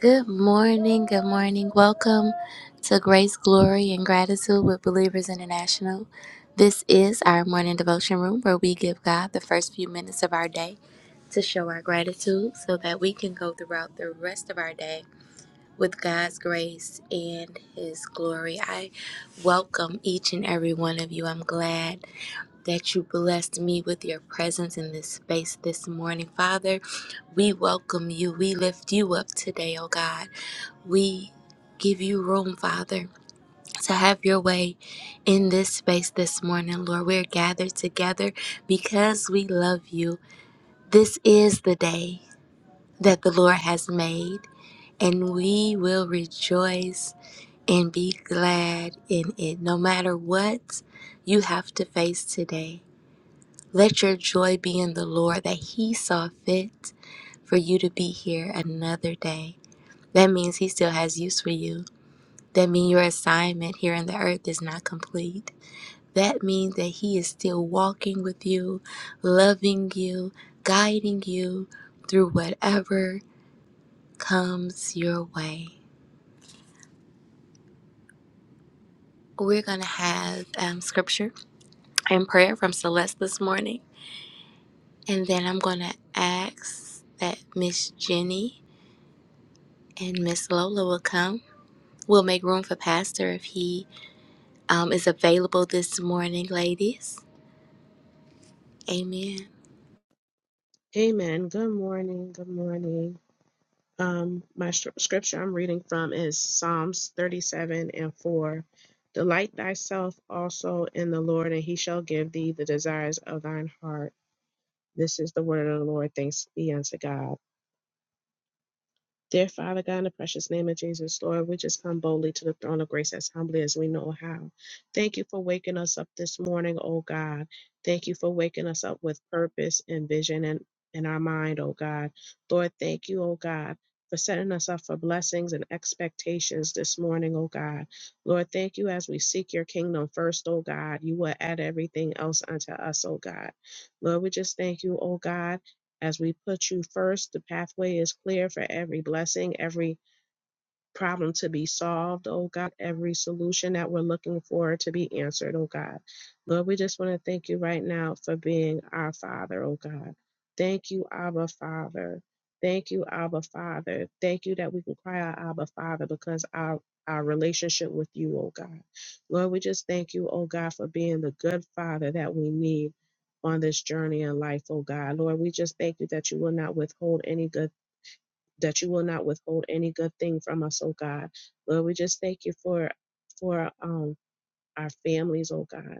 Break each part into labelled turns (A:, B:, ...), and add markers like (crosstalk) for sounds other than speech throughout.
A: Good morning, good morning. Welcome to Grace, Glory, and Gratitude with Believers International. This is our morning devotion room where we give God the first few minutes of our day to show our gratitude so that we can go throughout the rest of our day with God's grace and His glory. I welcome each and every one of you. I'm glad that you blessed me with your presence in this space this morning. Father, we welcome you. We lift you up today, oh God. We give you room, Father, to have your way in this space this morning, Lord. We're gathered together because we love you. This is the day that the Lord has made, and we will rejoice and be glad in it, no matter what you have to face today. Let your joy be in the Lord that He saw fit for you to be here another day. That means He still has use for you. That means your assignment here on the earth is not complete. That means that He is still walking with you, loving you, guiding you through whatever comes your way. We're going to have um, scripture and prayer from Celeste this morning. And then I'm going to ask that Miss Jenny and Miss Lola will come. We'll make room for Pastor if he um, is available this morning, ladies. Amen.
B: Amen. Good morning. Good morning. Um, my str- scripture I'm reading from is Psalms 37 and 4. Delight thyself also in the Lord, and he shall give thee the desires of thine heart. This is the word of the Lord. Thanks be unto God. Dear Father God, in the precious name of Jesus, Lord, we just come boldly to the throne of grace as humbly as we know how. Thank you for waking us up this morning, oh God. Thank you for waking us up with purpose and vision in, in our mind, oh God. Lord, thank you, oh God. For setting us up for blessings and expectations this morning, oh God. Lord, thank you as we seek your kingdom first, oh God. You will add everything else unto us, oh God. Lord, we just thank you, oh God as we put you first, the pathway is clear for every blessing, every problem to be solved, oh God, every solution that we're looking for to be answered, oh God. Lord, we just want to thank you right now for being our Father, oh God. Thank you, Abba Father. Thank you, Abba Father. Thank you that we can cry out, Abba Father, because our our relationship with you, oh God. Lord, we just thank you, oh God, for being the good Father that we need on this journey in life, oh God. Lord, we just thank you that you will not withhold any good that you will not withhold any good thing from us, oh God. Lord, we just thank you for for um our families, oh God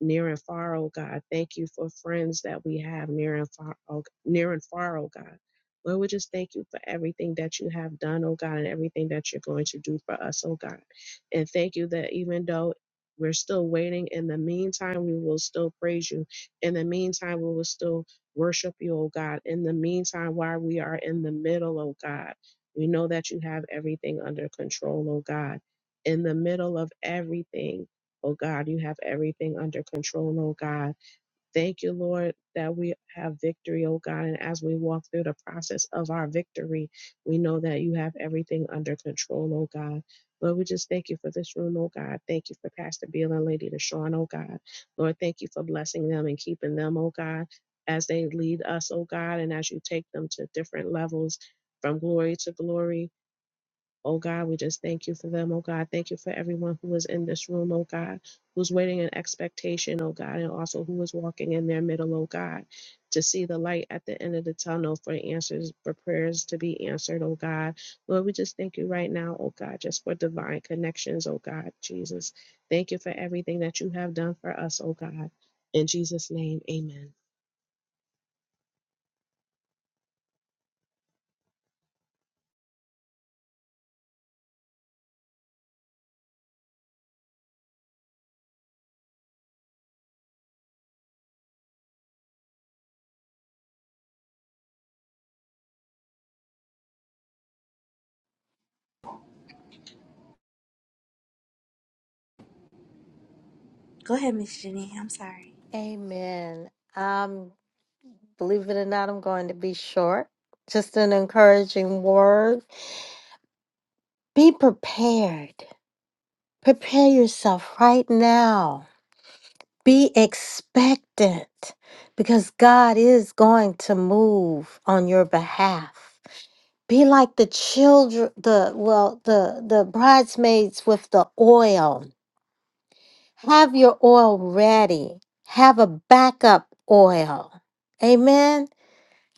B: near and far, oh God. Thank you for friends that we have near and far, oh, near and far, oh God. Lord, we just thank you for everything that you have done, oh God, and everything that you're going to do for us, oh God. And thank you that even though we're still waiting, in the meantime, we will still praise you. In the meantime, we will still worship you, oh God. In the meantime, while we are in the middle, oh God, we know that you have everything under control, oh God. In the middle of everything, Oh God, you have everything under control, oh God. Thank you, Lord, that we have victory, oh God. And as we walk through the process of our victory, we know that you have everything under control, oh God. Lord, we just thank you for this room, oh God. Thank you for Pastor Beal and Lady Deshawn, oh God. Lord, thank you for blessing them and keeping them, oh God, as they lead us, oh God, and as you take them to different levels from glory to glory. Oh God, we just thank you for them. Oh God, thank you for everyone who is in this room, oh God, who's waiting in expectation, oh God, and also who is walking in their middle, oh God, to see the light at the end of the tunnel for answers, for prayers to be answered, oh God. Lord, we just thank you right now, oh God, just for divine connections, oh God, Jesus. Thank you for everything that you have done for us, oh God. In Jesus' name, amen.
A: Go ahead, Miss Jenny. I'm sorry.
C: Amen. Um, believe it or not, I'm going to be short. Just an encouraging word. Be prepared. Prepare yourself right now. Be expectant because God is going to move on your behalf. Be like the children, the well, the the bridesmaids with the oil. Have your oil ready. Have a backup oil. Amen.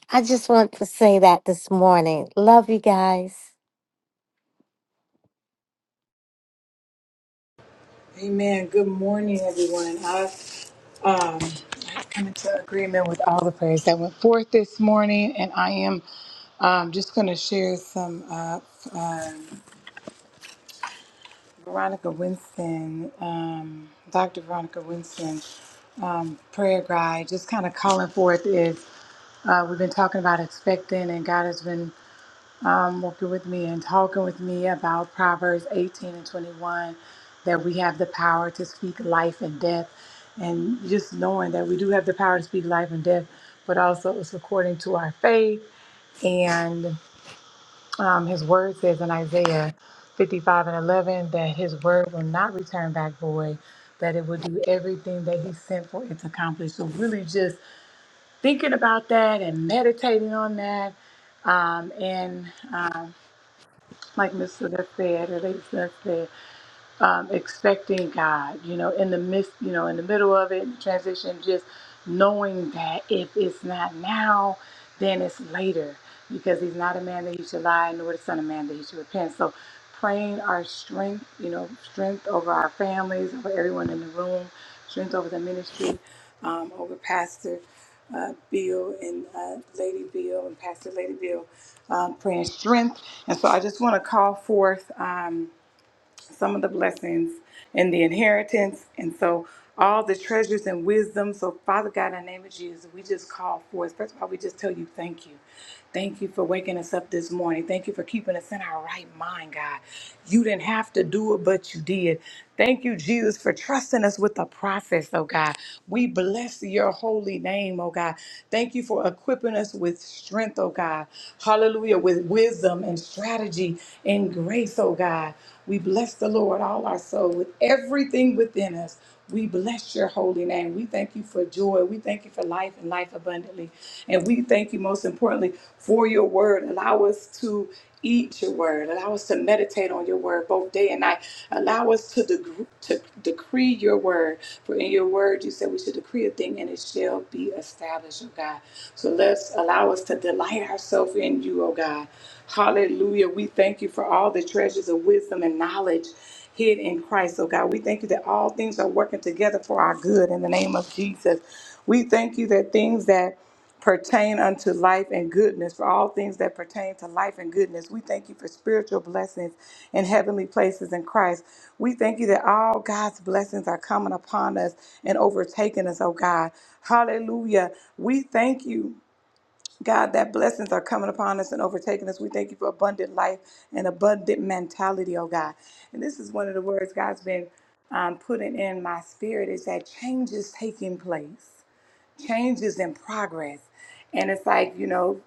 C: I just want to say that this morning. Love you guys.
D: Amen. Good morning, everyone. I um, I've come into agreement with all the prayers that went forth this morning, and I am um, just going to share some uh, um Veronica Winston, um, Dr. Veronica Winston um, prayer guide, just kind of calling forth is uh, we've been talking about expecting, and God has been um, working with me and talking with me about Proverbs 18 and 21, that we have the power to speak life and death. And just knowing that we do have the power to speak life and death, but also it's according to our faith. And um, his word says in Isaiah 55 and 11 that his word will not return back void, that it will do everything that he sent for it to accomplish. So, really just thinking about that and meditating on that um, and um, like Mr. Smith said, or Lady Smith said um, expecting God, you know, in the midst, you know, in the middle of it, transition, just knowing that if it's not now, then it's later, because He's not a man that He should lie, nor the Son of Man that He should repent. So, praying our strength, you know, strength over our families, over everyone in the room, strength over the ministry, um, over Pastor. Uh, Bill and uh, Lady Bill and Pastor Lady Bill um, praying strength. And so I just want to call forth. Um, some of the blessings and the inheritance. And so all the treasures and wisdom. So Father God, in the name of Jesus, we just call forth. First of all, we just tell you thank you. Thank you for waking us up this morning. Thank you for keeping us in our right mind, God. You didn't have to do it, but you did. Thank you, Jesus, for trusting us with the process, oh God. We bless your holy name, oh God. Thank you for equipping us with strength, oh God. Hallelujah, with wisdom and strategy and grace, oh God. We bless the Lord, all our soul, with everything within us. We bless your holy name. We thank you for joy. We thank you for life and life abundantly. And we thank you most importantly for your word. Allow us to eat your word. Allow us to meditate on your word both day and night. Allow us to, deg- to decree your word. For in your word, you said we should decree a thing and it shall be established, oh God. So let's allow us to delight ourselves in you, oh God. Hallelujah. We thank you for all the treasures of wisdom and knowledge hid in Christ, oh God. We thank you that all things are working together for our good in the name of Jesus. We thank you that things that pertain unto life and goodness, for all things that pertain to life and goodness. We thank you for spiritual blessings in heavenly places in Christ. We thank you that all God's blessings are coming upon us and overtaking us, oh God. Hallelujah. We thank you. God, that blessings are coming upon us and overtaking us. We thank you for abundant life and abundant mentality, oh God. And this is one of the words God's been um, putting in my spirit is that change is taking place, change is in progress. And it's like, you know,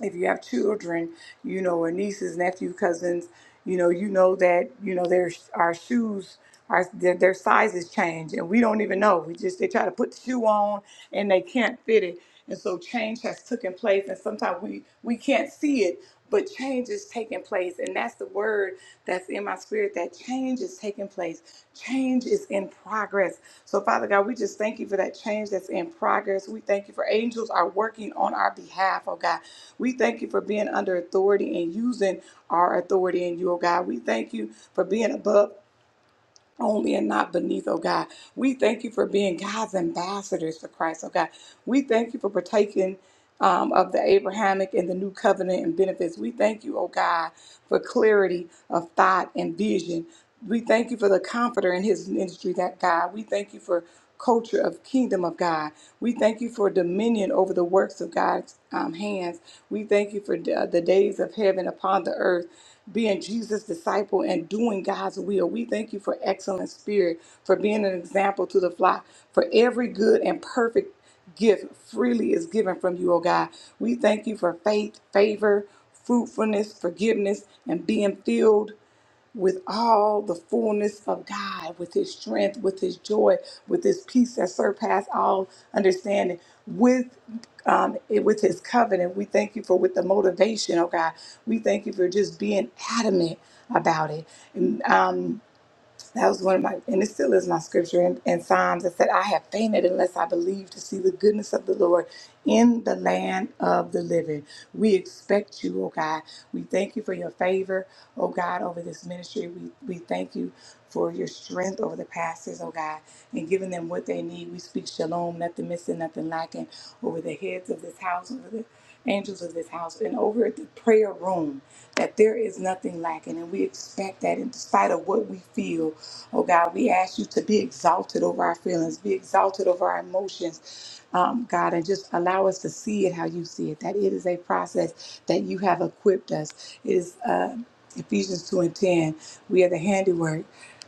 D: if you have children, you know, or nieces, nephew, cousins, you know, you know that you know their our shoes our their, their sizes change, and we don't even know. We just they try to put the shoe on and they can't fit it, and so change has taken place, and sometimes we we can't see it. But change is taking place, and that's the word that's in my spirit that change is taking place. Change is in progress. So, Father God, we just thank you for that change that's in progress. We thank you for angels are working on our behalf, oh God. We thank you for being under authority and using our authority in you, oh God. We thank you for being above only and not beneath, oh God. We thank you for being God's ambassadors for Christ, oh God. We thank you for partaking um, of the Abrahamic and the new covenant and benefits. We thank you, oh God, for clarity of thought and vision. We thank you for the comforter in his ministry, that God. We thank you for culture of kingdom of God. We thank you for dominion over the works of God's um, hands. We thank you for the the days of heaven upon the earth. Being Jesus' disciple and doing God's will. We thank you for excellent spirit, for being an example to the flock, for every good and perfect gift freely is given from you, oh God. We thank you for faith, favor, fruitfulness, forgiveness, and being filled with all the fullness of God, with his strength, with his joy, with his peace that surpass all understanding, with um, it, with his covenant. We thank you for with the motivation, oh God. We thank you for just being adamant about it. And, um, that was one of my, and it still is my scripture in, in Psalms that said, I have fainted unless I believe to see the goodness of the Lord in the land of the living. We expect you, oh God. We thank you for your favor, oh God, over this ministry. We, we thank you for your strength over the pastors, oh God, and giving them what they need. We speak shalom, nothing missing, nothing lacking, over the heads of this house, over the angels of this house, and over the prayer room, that there is nothing lacking. And we expect that in spite of what we feel Oh God, we ask you to be exalted over our feelings, be exalted over our emotions, um, God, and just allow us to see it how you see it. That it is a process that you have equipped us. It is uh, Ephesians 2 and 10. We are the handiwork,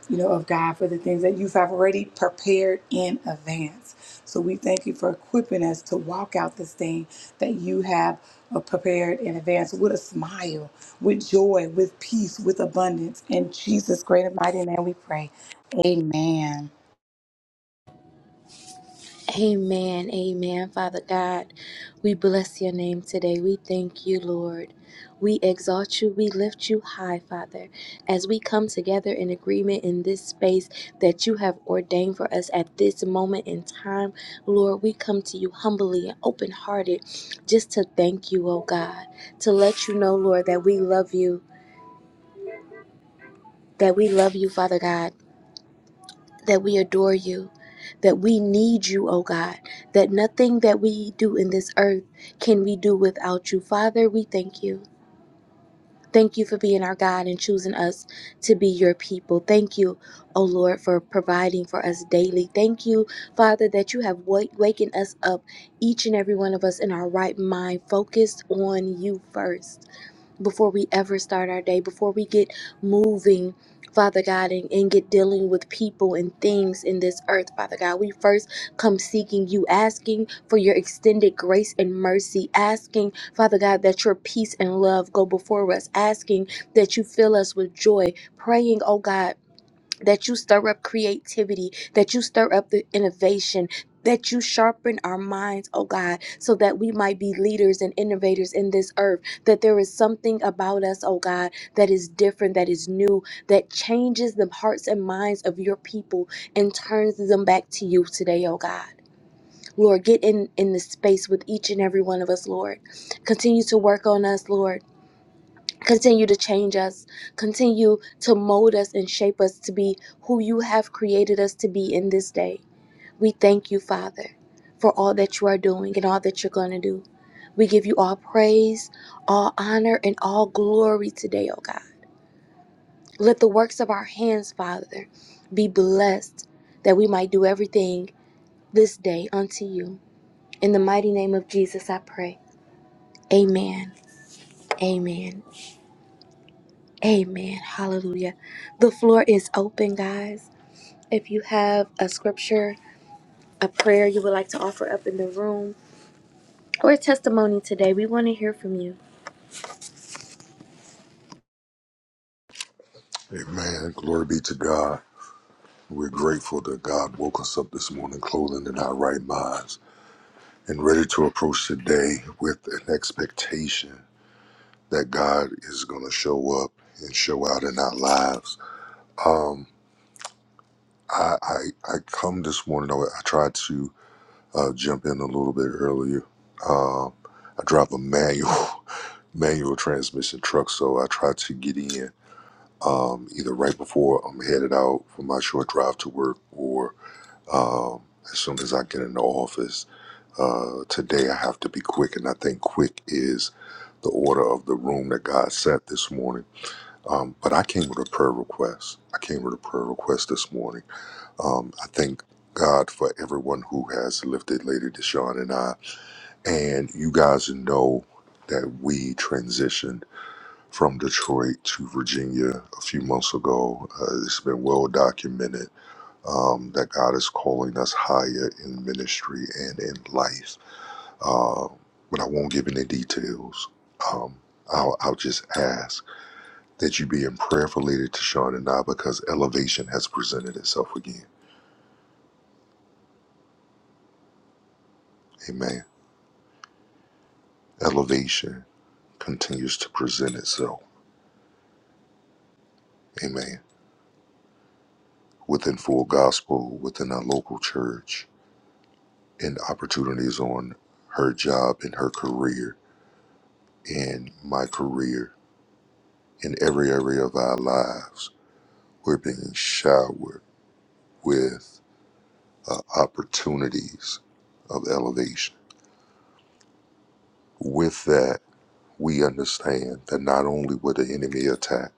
D: you know, of God for the things that you've already prepared in advance. So we thank you for equipping us to walk out this thing that you have uh, prepared in advance with a smile with joy, with peace, with abundance. In Jesus' great and mighty name we pray. Amen.
A: Amen. Amen. Father God, we bless your name today. We thank you, Lord. We exalt you. We lift you high, Father, as we come together in agreement in this space that you have ordained for us at this moment in time. Lord, we come to you humbly and open hearted just to thank you, oh God, to let you know, Lord, that we love you. That we love you, Father God that we adore you, that we need you, O God, that nothing that we do in this earth can we do without you. Father, we thank you. Thank you for being our God and choosing us to be your people. Thank you, O Lord, for providing for us daily. Thank you, Father, that you have wa- wakened us up, each and every one of us in our right mind, focused on you first before we ever start our day, before we get moving, Father God, and, and get dealing with people and things in this earth, Father God. We first come seeking you, asking for your extended grace and mercy, asking, Father God, that your peace and love go before us, asking that you fill us with joy, praying, oh God that you stir up creativity, that you stir up the innovation, that you sharpen our minds, oh God, so that we might be leaders and innovators in this earth, that there is something about us, oh God, that is different, that is new, that changes the hearts and minds of your people and turns them back to you today, oh God. Lord, get in in the space with each and every one of us, Lord. Continue to work on us, Lord. Continue to change us. Continue to mold us and shape us to be who you have created us to be in this day. We thank you, Father, for all that you are doing and all that you're going to do. We give you all praise, all honor, and all glory today, oh God. Let the works of our hands, Father, be blessed that we might do everything this day unto you. In the mighty name of Jesus, I pray. Amen. Amen. Amen. Hallelujah. The floor is open, guys. If you have a scripture, a prayer you would like to offer up in the room, or a testimony today, we want to hear from you.
E: Amen. Glory be to God. We're grateful that God woke us up this morning, clothing in our right minds, and ready to approach today with an expectation that God is going to show up and show out in our lives. Um, I, I I come this morning. I, I tried to uh, jump in a little bit earlier. Um, I drive a manual (laughs) manual transmission truck, so I try to get in um, either right before I'm headed out for my short drive to work or Um, as soon as I get in the office uh, today, I have to be quick, and I think quick is the order of the room that God set this morning. Um, but I came with a prayer request. I came with a prayer request this morning. Um, I thank God for everyone who has lifted Lady Deshawn and I, and you guys know that we transitioned from Detroit to Virginia a few months ago. Uh, it's been well documented um, that God is calling us higher in ministry and in life. Uh, but I won't give any details. Um, I'll, I'll just ask that you be in prayer for Lady Tashawn and I because elevation has presented itself again. Amen. Elevation continues to present itself. Amen. Within full gospel, within our local church, and opportunities on her job and her career and my career in every area of our lives We're being showered with uh, opportunities of elevation. With that, we understand that not only will the enemy attack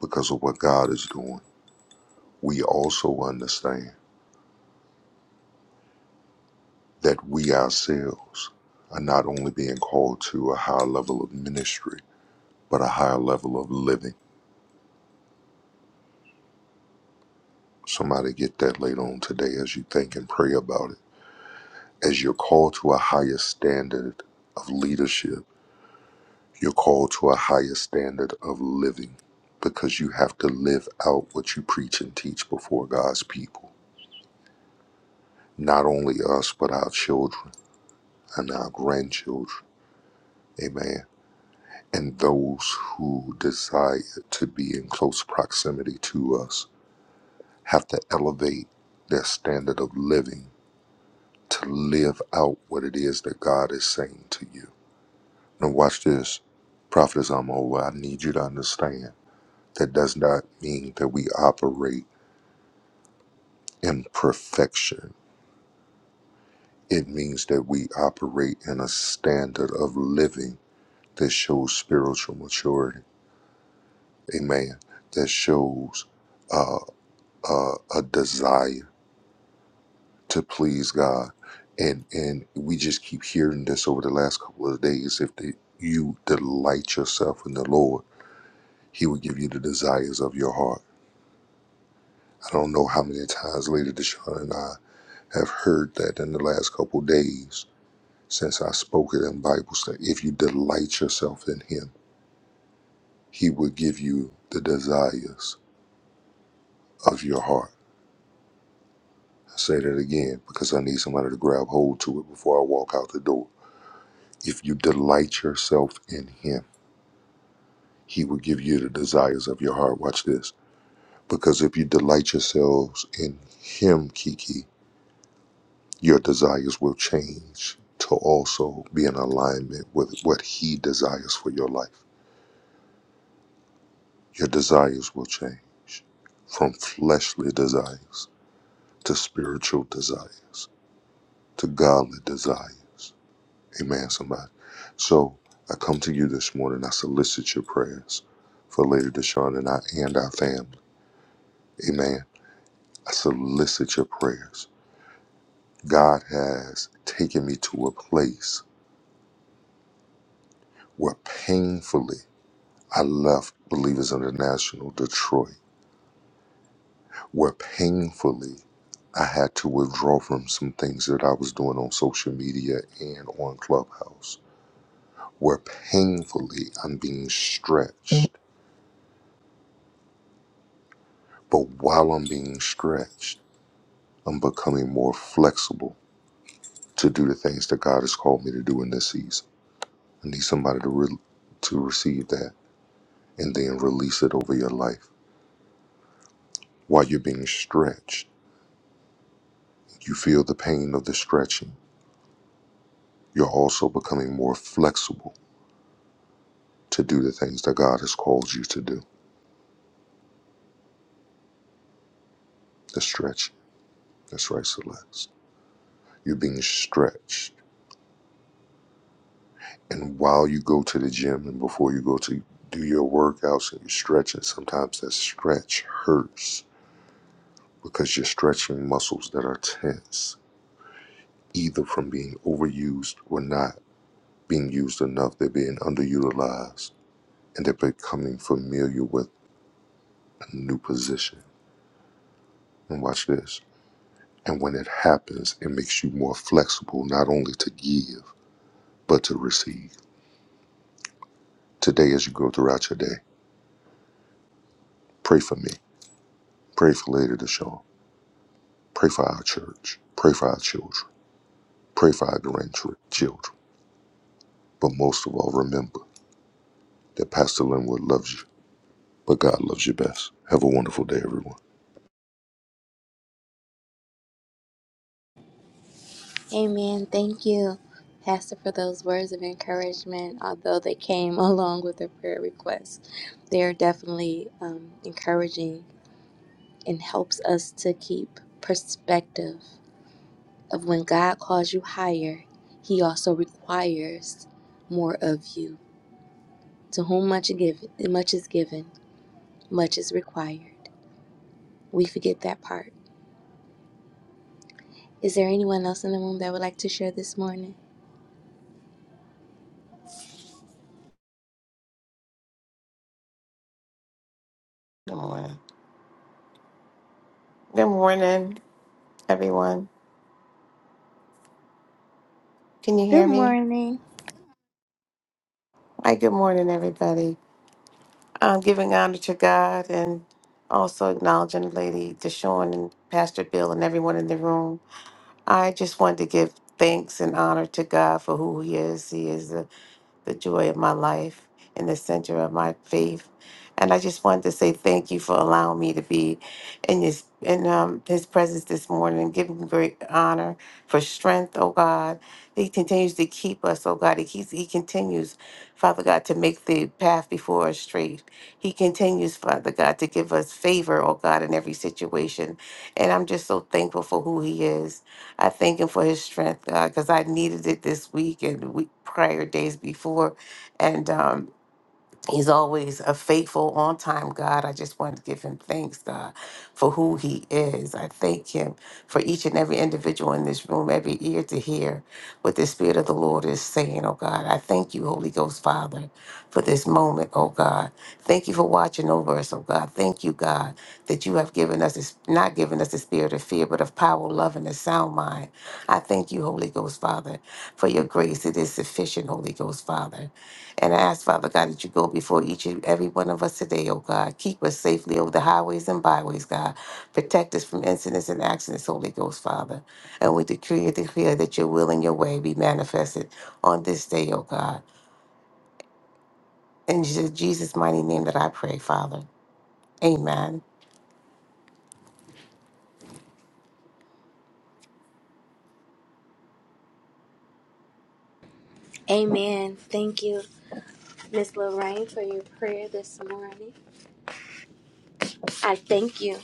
E: because of what God is doing, we also understand that we ourselves are not only being called to a higher level of ministry, but a higher level of living. Somebody get that later on today as you think and pray about it. As you're called to a higher standard of leadership You're called to a higher standard of living because you have to live out what you preach and teach before God's people. Not only us, but our children and our grandchildren. Amen. And those who desire to be in close proximity to us have to elevate their standard of living to live out what it is that God is saying to you. Now, watch this. Prophet is over. I need you to understand that does not mean that we operate Imperfection. It means that we operate in a standard of living that shows spiritual maturity. Amen. That shows uh, uh, a desire to please God. And and we just keep hearing this over the last couple of days. If the, you delight yourself in the Lord, He will give you the desires of your heart. I don't know how many times Lady Deshawn and I have heard that in the last couple of days since I spoke it in Bible study, if you delight yourself in Him, He will give you the desires of your heart. I say that again because I need somebody to grab hold to it before I walk out the door. If you delight yourself in Him, He will give you the desires of your heart. Watch this. Because if you delight yourselves in Him, Kiki, your desires will change to also be in alignment with what He desires for your life. Your desires will change from fleshly desires to spiritual desires to godly desires. Amen, somebody. So I come to you this morning. I solicit your prayers for Lady Deshawn and I and our family. Amen. I solicit your prayers. God has taken me to a place where painfully I left Believers International Detroit, where painfully I had to withdraw from some things that I was doing on social media and on Clubhouse where painfully I'm being stretched. But while I'm being stretched, I'm becoming more flexible to do the things that God has called me to do in this season. I need somebody to, re- to receive that and then release it over your life. While you're being stretched, you feel the pain of the stretching. You're also becoming more flexible to do the things that God has called you to do, the stretching. That's right, Celeste. You're being stretched. And while you go to the gym and before you go to do your workouts and you your stretching, sometimes that stretch hurts because you're stretching muscles that are tense, either from being overused or not being used enough. They're being underutilized and they're becoming familiar with a new position. And watch this. And when it happens, it makes you more flexible, not only to give, but to receive. Today, as you go throughout your day, pray for me Pray for Lady Deshawn. Pray for our church. Pray for our children. Pray for our grandchildren. But most of all, remember that Pastor Linwood loves you, but God loves you best. Have a wonderful day, everyone.
A: Amen. Thank you, Pastor, for those words of encouragement. Although they came (laughs) along with a prayer request, they are definitely um, encouraging and helps us to keep perspective of when God calls you higher, He also requires more of you. To whom much, give, much is given, much is required. We forget that part. Is there anyone else in the room that would like to share this morning?
F: Good morning. Good morning, everyone. Can you
A: Good
F: hear me?
A: morning.
F: Hi, good morning, everybody. I'm giving honor to God and also acknowledging Lady Deshawn and Pastor Bill and everyone in the room. I just wanted to give thanks and honor to God for who He is. He is the the joy of my life and the center of my faith. And I just wanted to say thank you for allowing me to be in his in um, his presence this morning, giving him great honor for strength, oh God. He continues to keep us, oh God. He keeps he continues, Father God, to make the path before us straight. He continues, Father God, to give us favor, oh God, in every situation. And I'm just so thankful for who he is. I thank him for his strength because I needed it this week and the week prior days before, and um, He's always a faithful, on time God. I just want to give him thanks, God, for who he is. I thank him for each and every individual in this room, every ear to hear what the Spirit of the Lord is saying, oh God. I thank you, Holy Ghost Father, for this moment, oh God. Thank you for watching over us, oh God. Thank you, God, that you have given us, this, not given us the spirit of fear, but of power, love, and a sound mind. I thank you, Holy Ghost Father, for your grace. It is sufficient, Holy Ghost Father. And I ask, Father God, that you go before each and every one of us today, oh God. Keep us safely over the highways and byways, God. Protect us from incidents and accidents, Holy Ghost, Father. And we decree and declare that your will and your way be manifested on this day, oh God. In Je- Jesus' mighty name that I pray, Father. Amen.
A: Amen. Thank you, Miss Lorraine, for your prayer this morning. I thank you.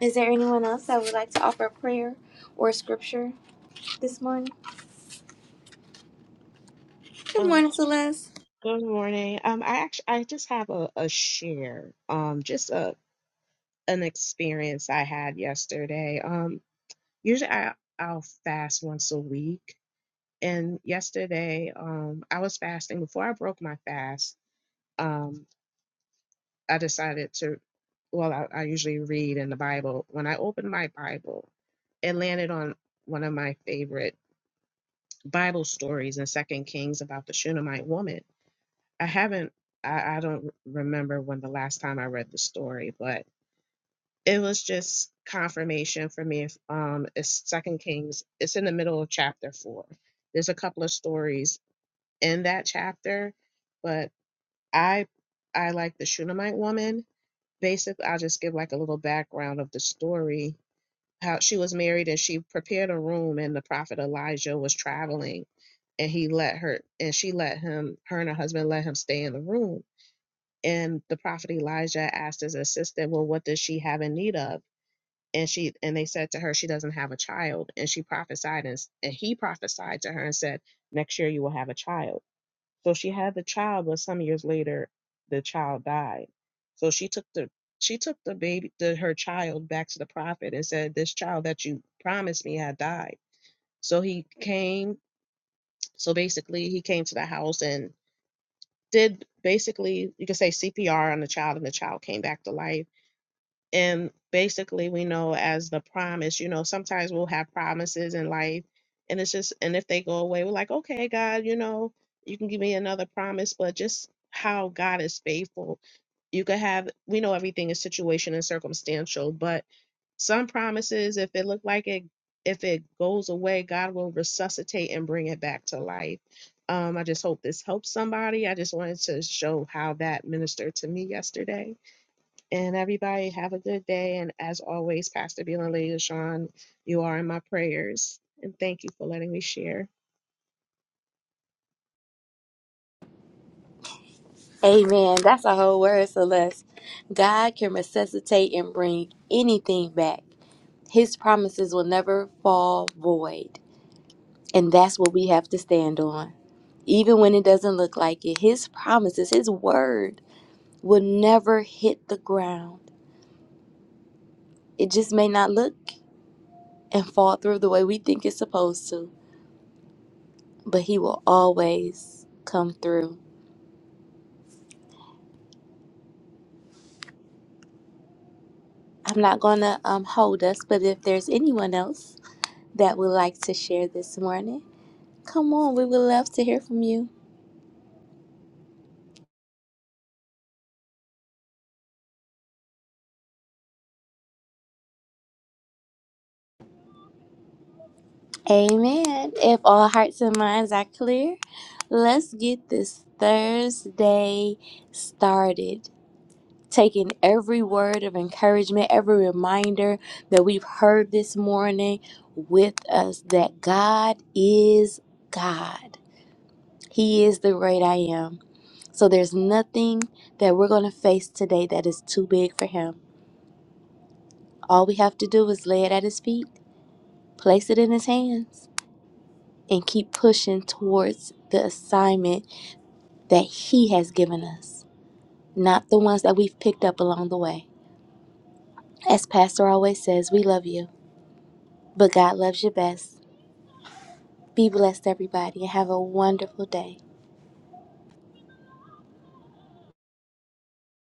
A: Is there anyone else that would like to offer a prayer or scripture this morning? Good
B: Um,
A: morning, Celeste.
B: good morning. Um, I actually I just have a, a share. Um, just a an experience I had yesterday. Um, usually I, I'll fast once a week. And yesterday, um, I was fasting. Before I broke my fast, um, I decided to, well, I, I usually read in the Bible. When I opened my Bible, it landed on one of my favorite Bible stories in Second Kings about the Shunammite woman. I haven't, I, I don't remember when the last time I read the story, but it was just confirmation for me if um it's second kings it's in the middle of chapter four there's a couple of stories in that chapter but i i like the shunammite woman basically i'll just give like a little background of the story how she was married and she prepared a room and the prophet elijah was traveling and he let her and she let him her and her husband let him stay in the room and the prophet elijah asked his assistant well what does she have in need of and she and they said to her she doesn't have a child and she prophesied and, and he prophesied to her and said next year you will have a child so she had the child but some years later the child died so she took the she took the baby the, her child back to the prophet and said this child that you promised me had died so he came so basically he came to the house and did basically you could say cpr on the child and the child came back to life and basically we know as the promise you know sometimes we'll have promises in life and it's just and if they go away we're like okay god you know you can give me another promise but just how god is faithful you could have we know everything is situation and circumstantial but some promises if it look like it if it goes away god will resuscitate and bring it back to life um i just hope this helps somebody i just wanted to show how that ministered to me yesterday and everybody have a good day. And as always, Pastor Beal and Lady Deshawn, you are in my prayers. And thank you for letting me share.
A: Amen. That's a whole word, Celeste. God can resuscitate and bring anything back. His promises will never fall void. And that's what we have to stand on. Even when it doesn't look like it, His promises, His word will never hit the ground. It just may not look and fall through the way we think it's supposed to, but He will always come through. I'm not going to um, hold us, but if there's anyone else that would like to share this morning, come on, we would love to hear from you. Amen. If all hearts and minds are clear, let's get this Thursday started. Taking every word of encouragement, every reminder that we've heard this morning with us that God is God. He is the great I am. So there's nothing that we're going to face today that is too big for Him. All we have to do is lay it at His feet, place it in His hands and keep pushing towards the assignment that He has given us, not the ones that we've picked up along the way. As Pastor always says, we love you, but God loves you best. Be blessed, everybody, and have a wonderful day.